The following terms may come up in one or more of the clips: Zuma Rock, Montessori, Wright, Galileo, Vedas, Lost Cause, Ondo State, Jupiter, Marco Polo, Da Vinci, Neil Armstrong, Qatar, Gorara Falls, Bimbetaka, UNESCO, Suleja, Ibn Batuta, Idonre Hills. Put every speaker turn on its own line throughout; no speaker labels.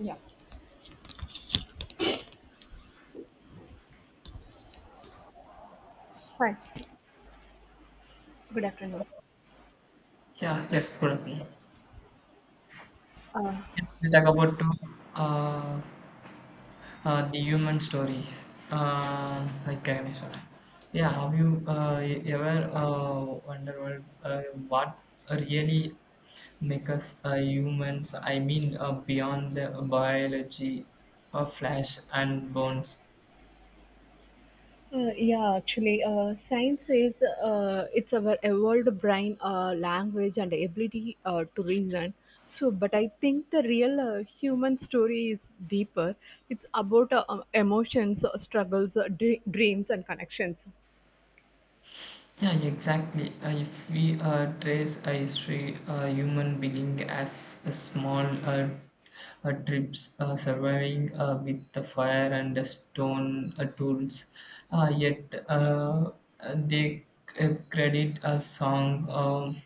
Yeah. Hi. Good afternoon.
Yeah, yes, good.
Uh,
We talk about to, uh, the human stories, like I mentioned. Yeah, have you ever wondered what really make us humans? I mean, beyond the biology of flesh and bones.
yeah, actually, science is it's our evolved brain, language, and ability to reason. So, but I think the real human story is deeper. It's about emotions, struggles, dreams, and connections.
Yeah, exactly. If we trace a history, a human being as a small trips surviving with the fire and the stone tools, yet they credit a song um,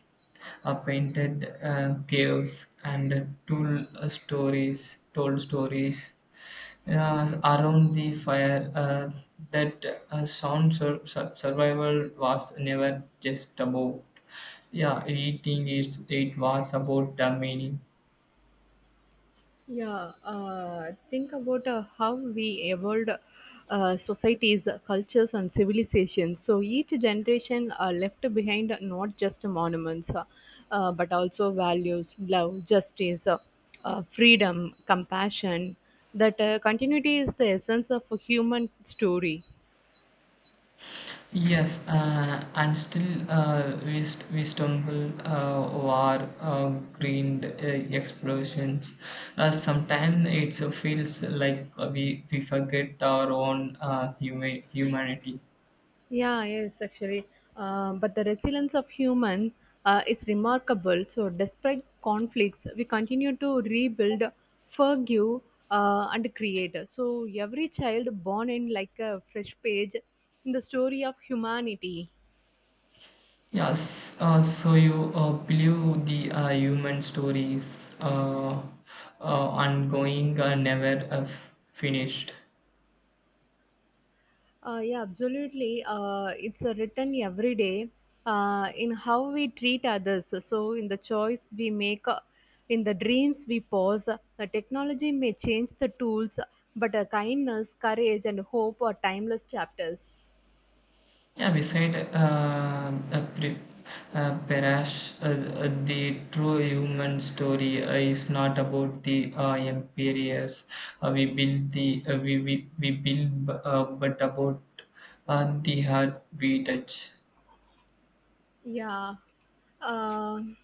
uh, painted caves and tool stories, told stories, yeah, around the fire, that sound survival was never just about, yeah, eating. It was about the meaning.
Yeah, think about how we evolved societies, cultures, and civilizations. So each generation left behind not just monuments, but also values, love, justice, freedom, compassion. That continuity is the essence of a human story.
Yes, and still we stumble over green explosions. Sometimes it feels like we forget our own humanity.
Yeah, yes, actually. But the resilience of human is remarkable. So, despite conflicts, we continue to rebuild, forgive, and create. So, every child born in like a fresh page in the story of humanity.
Yes, so you believe the human story is ongoing and never finished.
Yeah, absolutely. It's written every day in how we treat others. So, in the choice we make, in the dreams we pause, technology may change the tools, but kindness, courage, and hope are timeless chapters.
Yeah, beside Parash, the true human story is not about the empires we build, but about the heart we touch.
Yeah. Um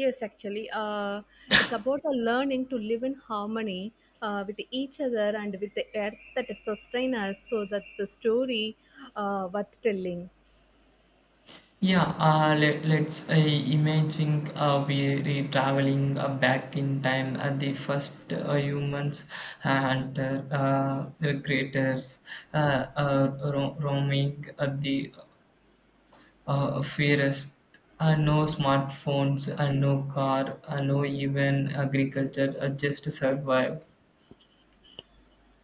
yes, actually, it's about a learning to live in harmony with each other and with the earth that sustains us. So that's the story worth telling.
Yeah, let's imagine we're traveling back in time at the first humans and the creators roaming at the fairest. No smartphones, no car, no even agriculture, just survive.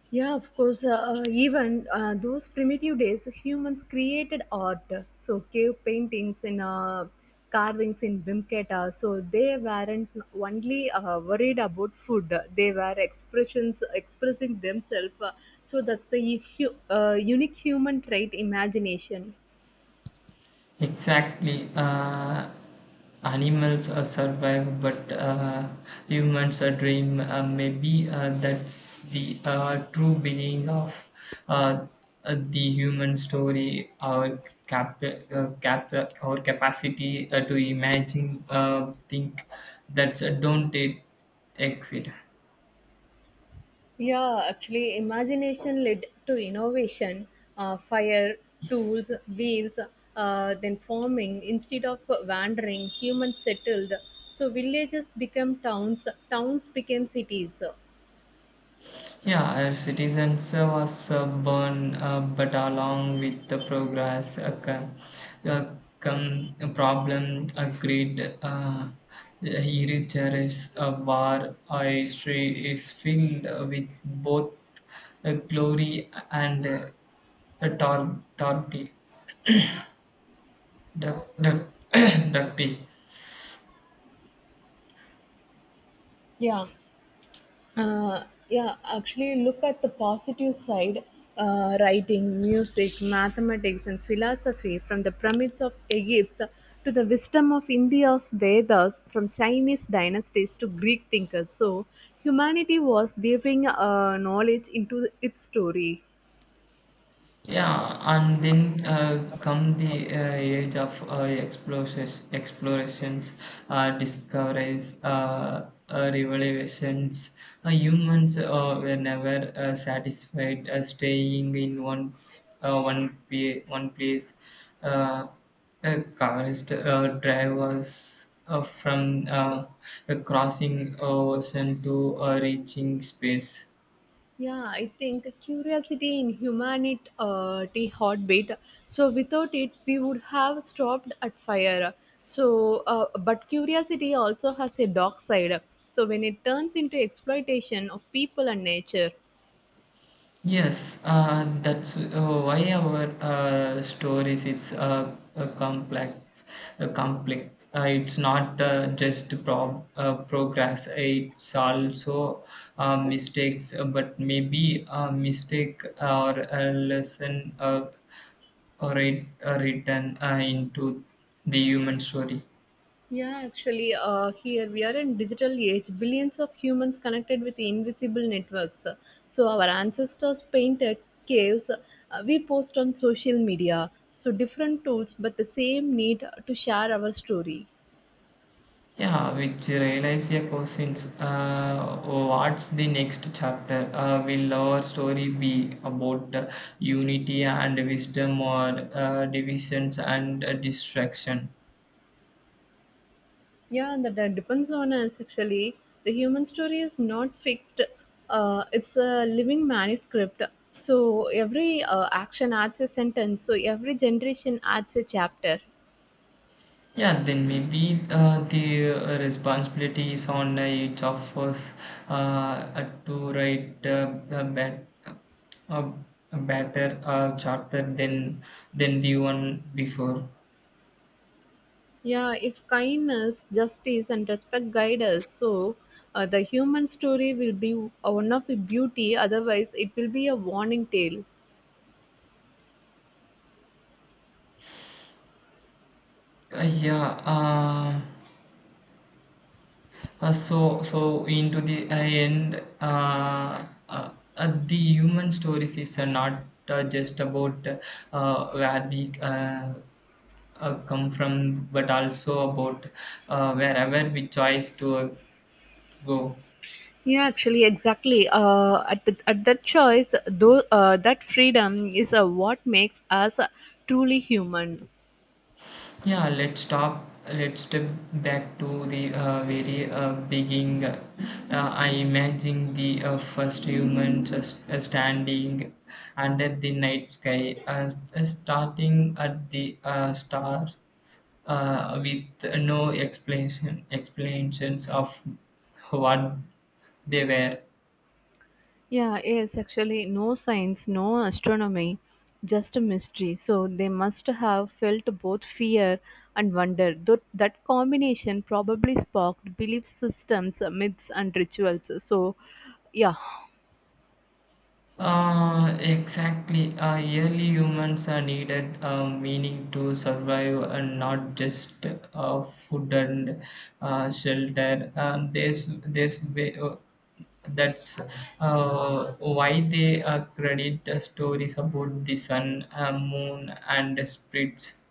Yeah, of course. Even those primitive days, humans created art. So cave paintings and carvings in Bimketa. So they weren't only worried about food. They were expressions expressing themselves. So that's the unique human trait, imagination.
Exactly. Animals survive, but humans dream. Maybe that's the true beginning of uh, the human story. Uh, cap, our capacity to imagine, think that don't it exit.
Yeah, actually, imagination led to innovation, fire, tools, wheels, then farming. Instead of wandering, humans settled. So villages became towns, towns became cities.
Yeah, our citizens was born, but along with the progress come a problem, a greed, heritage, a war, a history is filled with both glory and torty, ducty.
Yeah. Uh, yeah, actually, look at the positive side. Writing, music, mathematics, and philosophy from the pyramids of Egypt to the wisdom of India's Vedas, from Chinese dynasties to Greek thinkers. So, humanity was weaving knowledge into its story.
Yeah, and then come the age of explorations, discoveries, revelations. Humans were never satisfied staying in one place. Uh, Cars drivers from crossing ocean to reaching space.
Yeah, I think curiosity in humanity the heartbeat. So without it, we would have stopped at fire. So, but curiosity also has a dark side. So when it turns into exploitation of people and nature.
Yes, that's why our stories is complex. Complex. It's not progress. It's also mistakes, but maybe a mistake or a lesson or it, written into the human story.
Yeah, actually, here we are in digital age, billions of humans connected with invisible networks. So our ancestors painted caves. We post on social media. So different tools, but the same need to share our story.
Yeah, which relies a questions. Oh, what's the next chapter? Will our story be about unity and wisdom, or divisions and distraction?
Yeah, that depends on us actually. The human story is not fixed, it's a living manuscript. So every action adds a sentence, so every generation adds a chapter.
Yeah, then maybe the responsibility is on each of us to write a, a better chapter than the one before.
Yeah, if kindness, justice, and respect guide us, so the human story will be one of the beauty, otherwise, it will be a warning tale.
Yeah. So, into the end, the human stories is not just about where we come from, but also about wherever we choose to go.
Yeah, actually, exactly. At that choice, though, that freedom is what makes us truly human.
Yeah, let's stop. Let's step back to the very beginning. I imagine the first humans as standing under the night sky, starting at the stars with no explanations of what they were.
Yeah, yes, actually, no science, no astronomy, just a mystery. So they must have felt both fear and wonder. That combination probably sparked belief systems, myths, and rituals. So, yeah,
Exactly. Early humans are needed meaning to survive and not just food and shelter. That's why they credit the stories about the sun, moon, and spirits.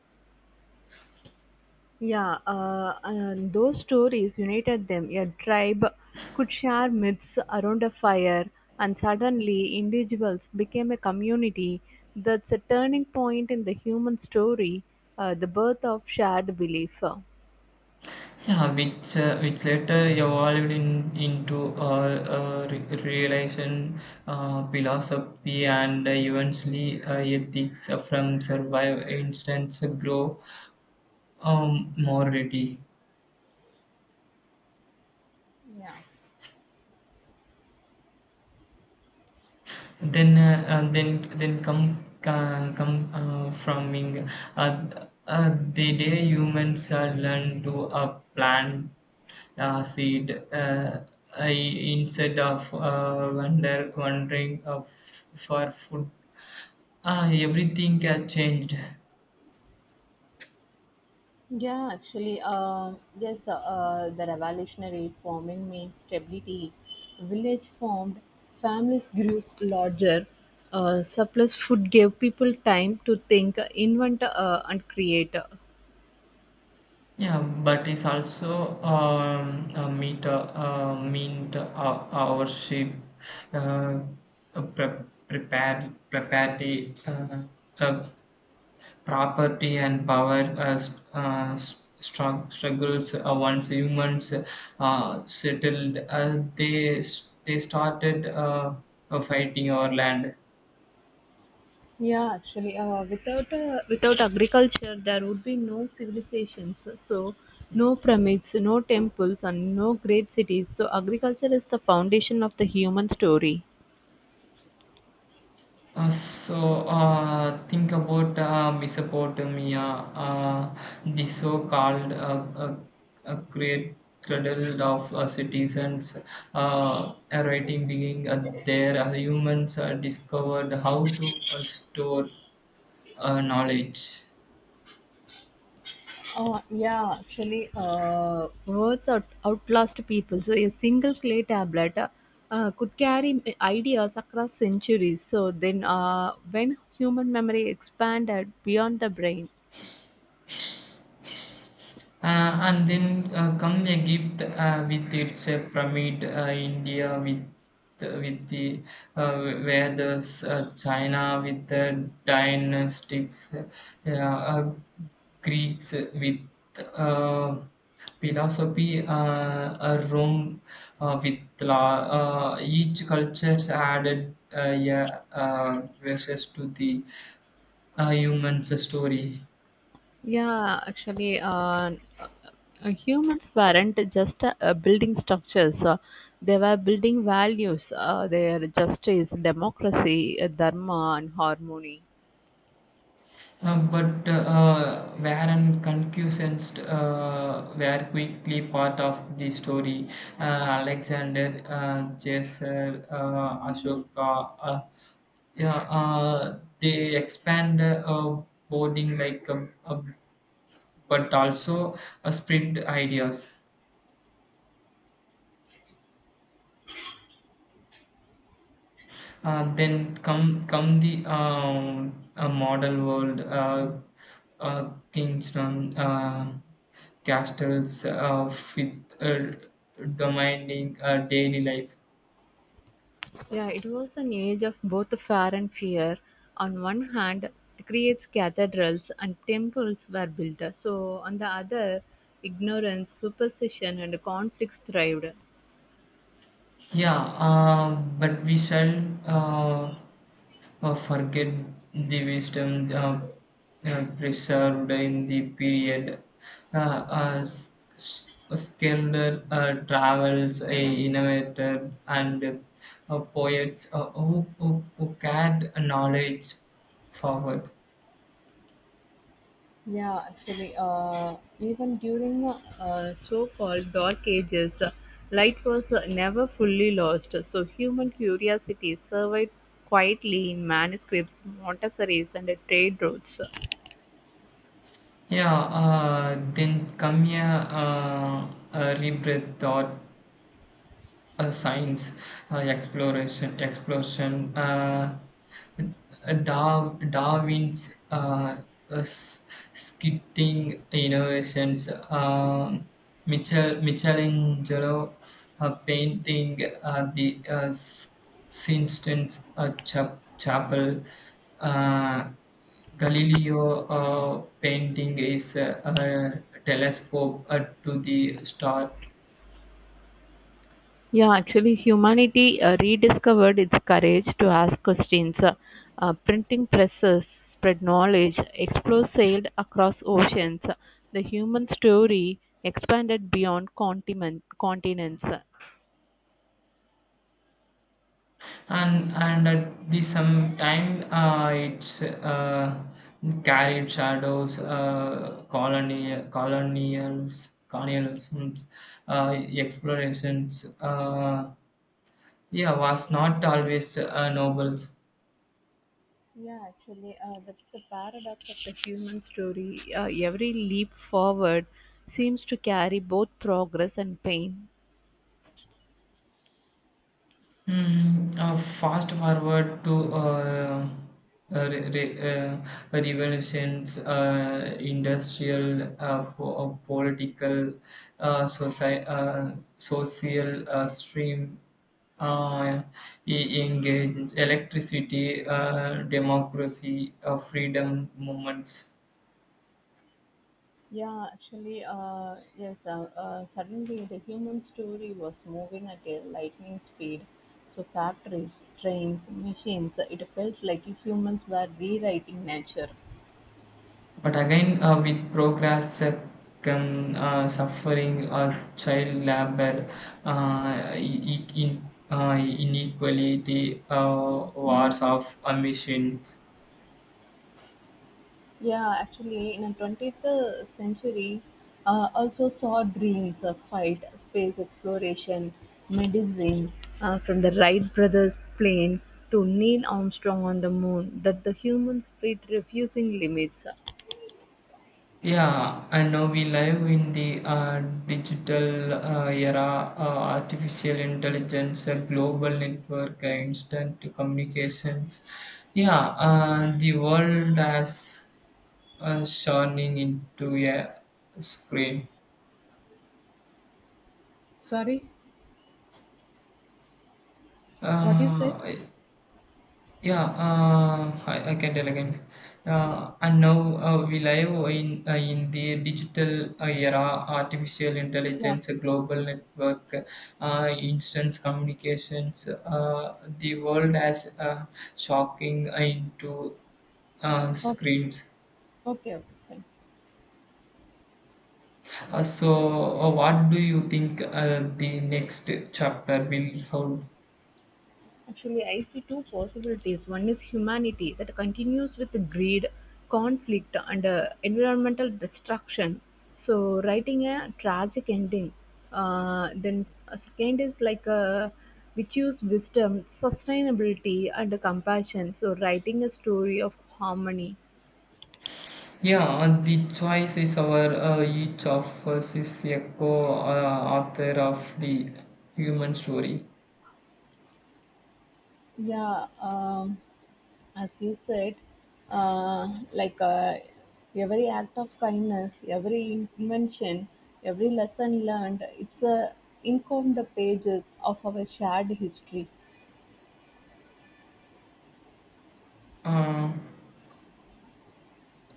yeah, and those stories united them. A tribe could share myths around a fire, and suddenly individuals became a community. That's a turning point in the human story, the birth of shared belief.
Yeah, which later evolved into relation philosophy and eventually ethics from survive instance grow morality.
Yeah,
Then come framing uh, the day humans learn to plant seed instead of wondering for food, everything has changed.
yeah. Actually, yes, the revolutionary farming meant stability. Village formed, families grew larger. Surplus food gave people time to think, invent, and create.
Yeah, but it's also a meet meant our ship uh, prepared uh, uh, property and power struggles. Once humans settled they started fighting our land.
Yeah, actually, without agriculture, there would be no civilizations. So, no pyramids, no temples, and no great cities. So, agriculture is the foundation of the human story.
So think about Mesopotamia, the so-called great cradle of citizens, writing being there. Humans discovered how to store knowledge.
Yeah, actually, outlast people. So, a single clay tablet could carry ideas across centuries. So, then when human memory expanded beyond the brain,
And then come Egypt with its pyramid, India with the where the China with the dynastics, Greeks with uh, philosophy, Rome with law. Each cultures added, yeah, verses to the human's story.
yeah, actually, uh, humans weren't just building structures, they were building values, their justice, democracy, dharma, and harmony.
But where and concussed were quickly part of the story. Uh, Alexander, Caesar, Ashoka, yeah, they expand boarding like, but also spread ideas. Then come the model world, Kingston castles with demanding daily life.
Yeah, it was an age of both fire and fear. On one hand, it creates cathedrals and temples were built. So, on the other, ignorance, superstition, and conflicts thrived.
Yeah, but we shall forget the wisdom preserved in the period. Skilled travels, innovator, and poets who carried knowledge forward.
Yeah, actually, even during the so called dark ages, light was never fully lost. So, human curiosity survived quietly in manuscripts, Montessori's, and trade routes.
Yeah, then come here, uh, a rebirth thought science, exploration, explosion, Darwin's uh, s- skitting innovations, Michelangelo painting the Sistine Chapel, uh, Galileo painting is a telescope to the star.
Yeah, actually, humanity rediscovered its courage to ask questions. Printing presses spread knowledge, explorers sailed across oceans. The human story expanded beyond continents.
And at the same time it's carried shadows, colony, colonials colonialisms, uh, explorations, yeah, was not always noble.
Yeah, actually, that's the paradox of the human story. Every leap forward seems to carry both progress and pain.
Fast forward to uh, re- re- uh, revolutions, industrial, political, social stream. Uh, he engage electricity, democracy, freedom movements.
Yeah, actually, suddenly the human story was moving at a lightning speed. So, factories, trains, machines, it felt like humans were rewriting nature.
But again, with progress come suffering, child labor, inequality, wars of emissions.
Yeah, actually, in the 20th century, also saw dreams of fight, space exploration, medicine, from the Wright brothers plane to Neil Armstrong on the moon, that the humans fit refusing limits.
Yeah, and now we live in the digital era, artificial intelligence, a global network, instant communications. Yeah, the world has shining into a screen.
Sorry, what you said?
Uh, Yeah, I can tell again. And now we live in in the digital era, artificial
Yeah,
intelligence, global network, instant communications. The world has shocking into
okay,
screens.
okay, okay, fine.
So, what do you think the next chapter will hold?
Actually, I see two possibilities. One is humanity that continues with the greed, conflict, and environmental destruction. So, writing a tragic ending. Then, a second is like a which use wisdom, sustainability, and compassion. So, writing a story of harmony.
Yeah, the choice is our, each of us is a co, author of the human story.
Yeah, as you said, uh, like uh, every act of kindness, every invention, every lesson learned, it's a ink on the pages of our shared history.
Uh,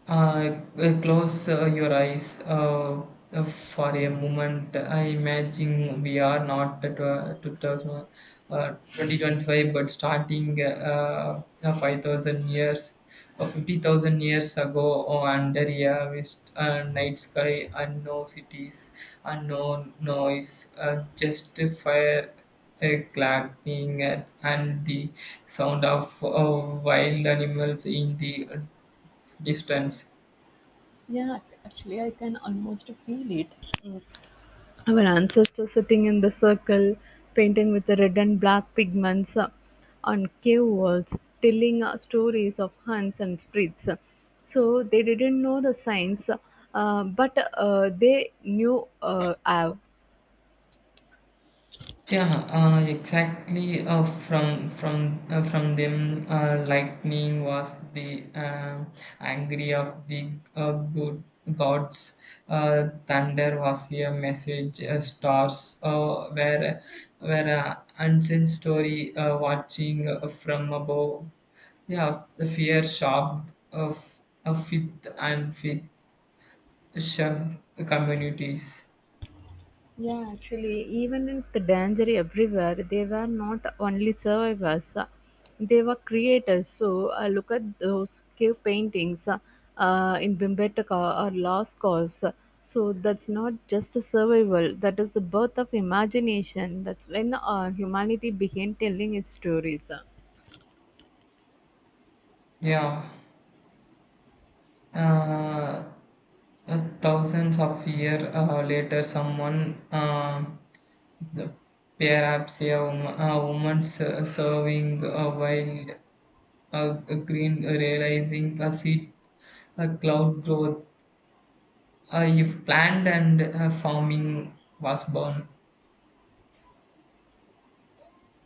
Close your eyes for a moment. I imagine we are not at 2000, 2025, but starting 5,000 years or 50,000 years ago or under a mist, night sky and no cities and no noise, just a fire a clacking and the sound of wild animals in the distance.
Yeah, actually, I can almost feel it. Our ancestors sitting in the circle, painting with the red and black pigments on cave walls, telling stories of hunts and spirits. So they didn't know the science, but they knew Av.
Yeah, exactly. From from them, lightning was the angry of the good gods. Thunder was a message. Stars were a ancient story watching from above. Yeah, the fear shocked of a fifth and fifth shoved communities.
Yeah, actually, even in the danger everywhere, they were not only survivors, they were creators. So, look at those cave paintings in Bimbetaka or Lost Cause. So, that's not just a survival, that is the birth of imagination. That's when humanity began telling its stories.
Yeah. Uh, Thousands of years later, someone, the, perhaps a, a woman serving a wild a green, realizing a seed, a cloud growth, if planned and farming was born.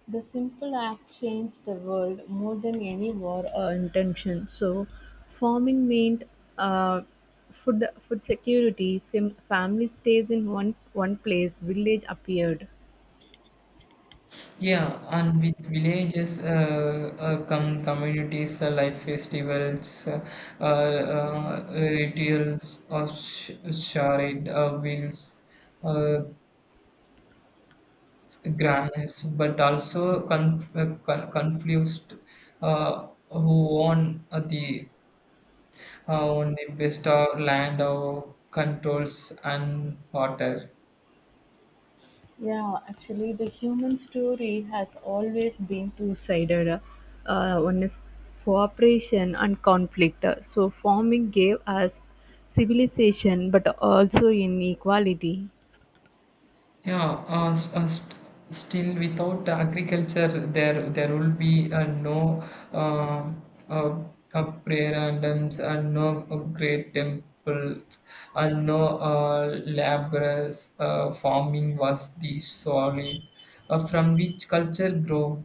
The simple act changed the world more than any war or intention. So, farming meant uh, food security. Family stays in one place. Village appeared.
Yeah, and with villages come communities, life festivals, rituals of charade, wheels, uh, Grandness, but also confused who own the own the best of land or controls and water.
Yeah, actually, the human story has always been two sided. One is cooperation and conflict. So, farming gave us civilization, but also inequality.
Yeah, still without agriculture, there will be no uh, uh, prayer and hymns and no great temples and no laborers. Farming was the solid from which culture grow.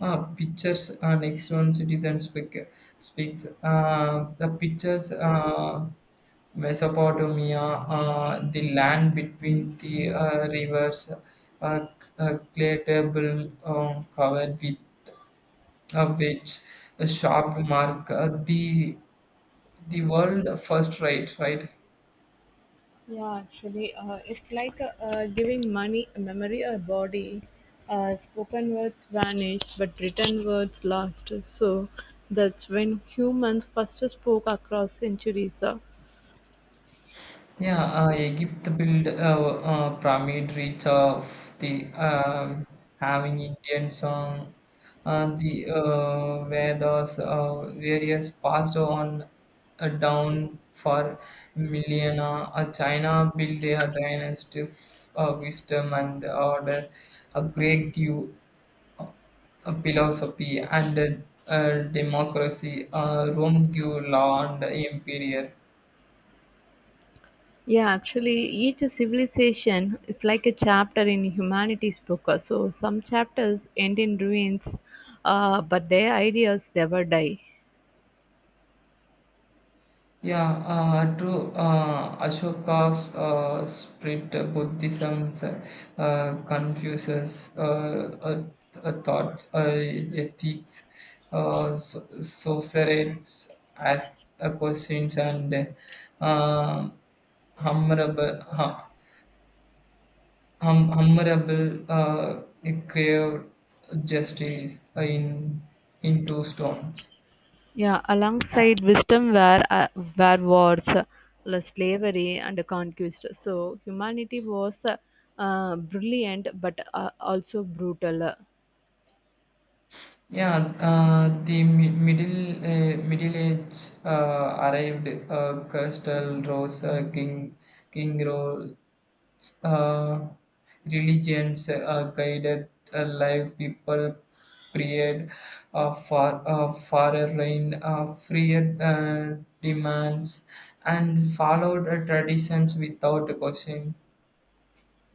Pictures next one citizen speaks the pictures Mesopotamia, the land between the rivers, uh, a clay table covered with which a sharp mark the world first right.
Yeah, actually, it's like giving money, memory, or body. Spoken words vanish, but written words last. So that's when humans first spoke across centuries.
Yeah, Egypt built a, uh, pyramid reach of the having Indian song. The Vedas various passed on down for millennia. China built a dynasty of wisdom and order. A Greek give uh, a philosophy and democracy. Rome give law and empire.
Yeah, actually, each civilization is like a chapter in humanity's book. So some chapters end in ruins, but their ideas never die.
Yeah, true. Ashoka's spirit Buddhism confuses thoughts, ethics, societies, ask questions, and uh, humble, hum, humble crave justice in into stones.
Yeah, alongside wisdom were wars, slavery, and conquest. So humanity was brilliant but also brutal.
Yeah, middle Middle Age arrived. Coastal Rose, King Roles, uh, religions guided live people. Period of far reign, freer demands, and followed traditions without question.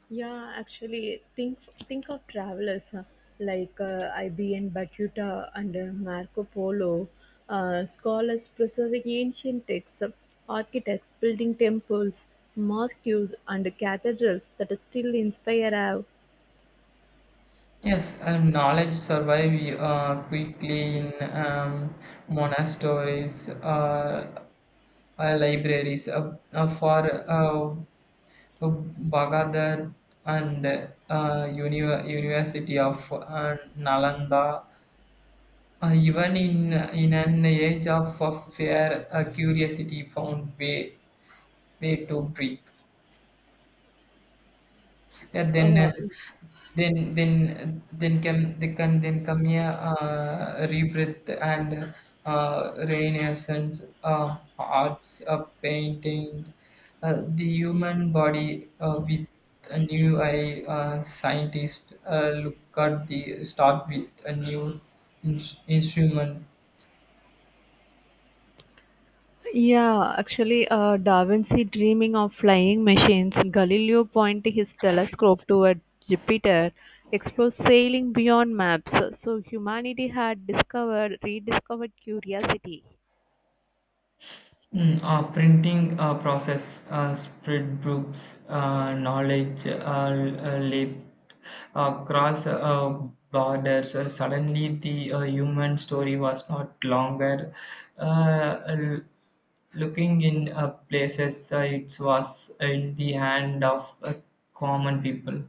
Yeah, actually, think of travelers huh, like IBN Batuta and Marco Polo, scholars preserving ancient texts, architects building temples, mosques, and cathedrals that still inspire our
Yes, and knowledge survive quickly in monasteries, libraries. For uh, Baghdad and University of Nalanda, even in an age of fear, curiosity found way to breathe. Yeah,
uh,
then can they can then come here, rebirth and renaissance arts painting the human body with a new eye, scientist look at the start with a new in- instrument.
Yeah, actually, Da Vinci dreaming of flying machines, Galileo pointing his telescope toward Jupiter, explores sailing beyond maps. So humanity had discovered, rediscovered curiosity.
Printing process spread books, knowledge, leap across borders. Suddenly, the human story was not longer uh, l- looking in places. It was in the hand of common people.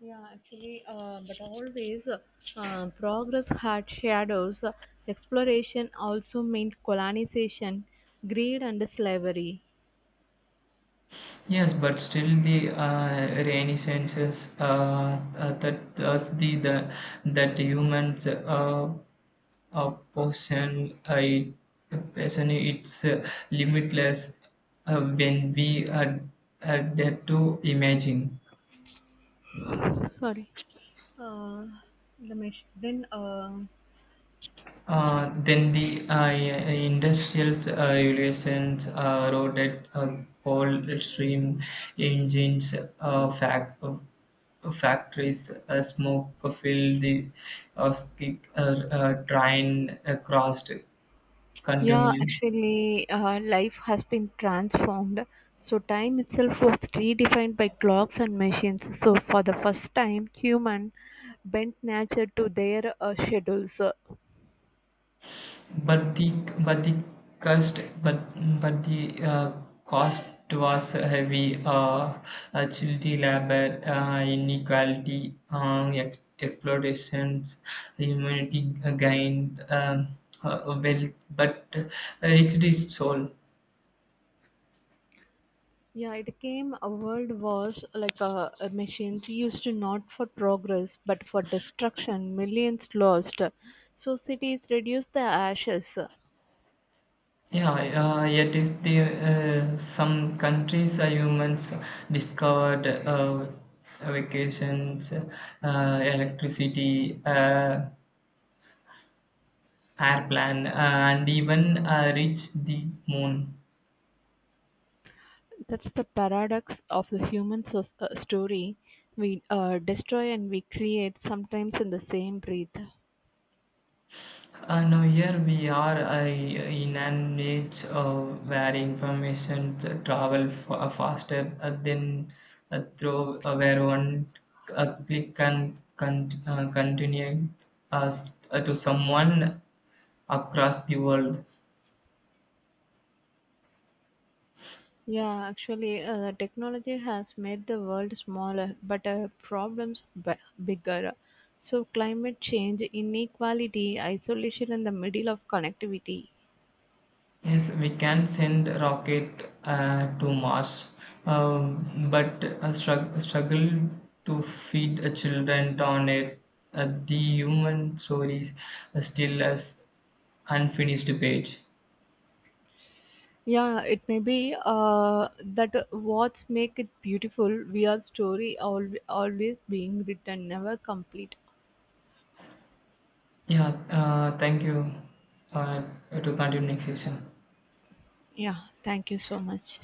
Yeah, actually, but always progress had shadows. Exploration also meant colonization, greed, and slavery.
Yes, but still the reminiscences that thus the that humans. A a passion it's limitless when are dare to imagine.
Sorry. Uh, the mach- then.
Then the industrial revolutions wrote at coal stream engines, uh, fact, factories, smoke filled the skick, train across
Yeah,
continent.
actually, life has been transformed. So, time itself was redefined by clocks and machines. So, for the first time, human bent nature to their schedules.
But the but the cost but but the cost was heavy. Child labor, inequality, exploitations, humanity gained wealth, but reached its soul.
Yeah, it came a world wars like machines used not for progress but for destruction, millions lost. So, cities reduced the ashes.
Yeah, yet is the some countries humans discovered vacations, electricity. Airplane and even reach the moon.
That's the paradox of the human story. We destroy and we create sometimes in the same breath.
Now here we are in an age where information travel faster than through where one click can continue uh, to someone across the world.
Yeah, actually, technology has made the world smaller, but problems bigger. So, climate change, inequality, isolation in the middle of connectivity.
Yes, we can send rocket to Mars, but a struggle to feed a children on it. The human stories are still as unfinished page.
Yeah, it may be that what's make it beautiful. We are story always being written, never complete.
Yeah, thank you. Uh, to continue next session.
Yeah, thank you so much.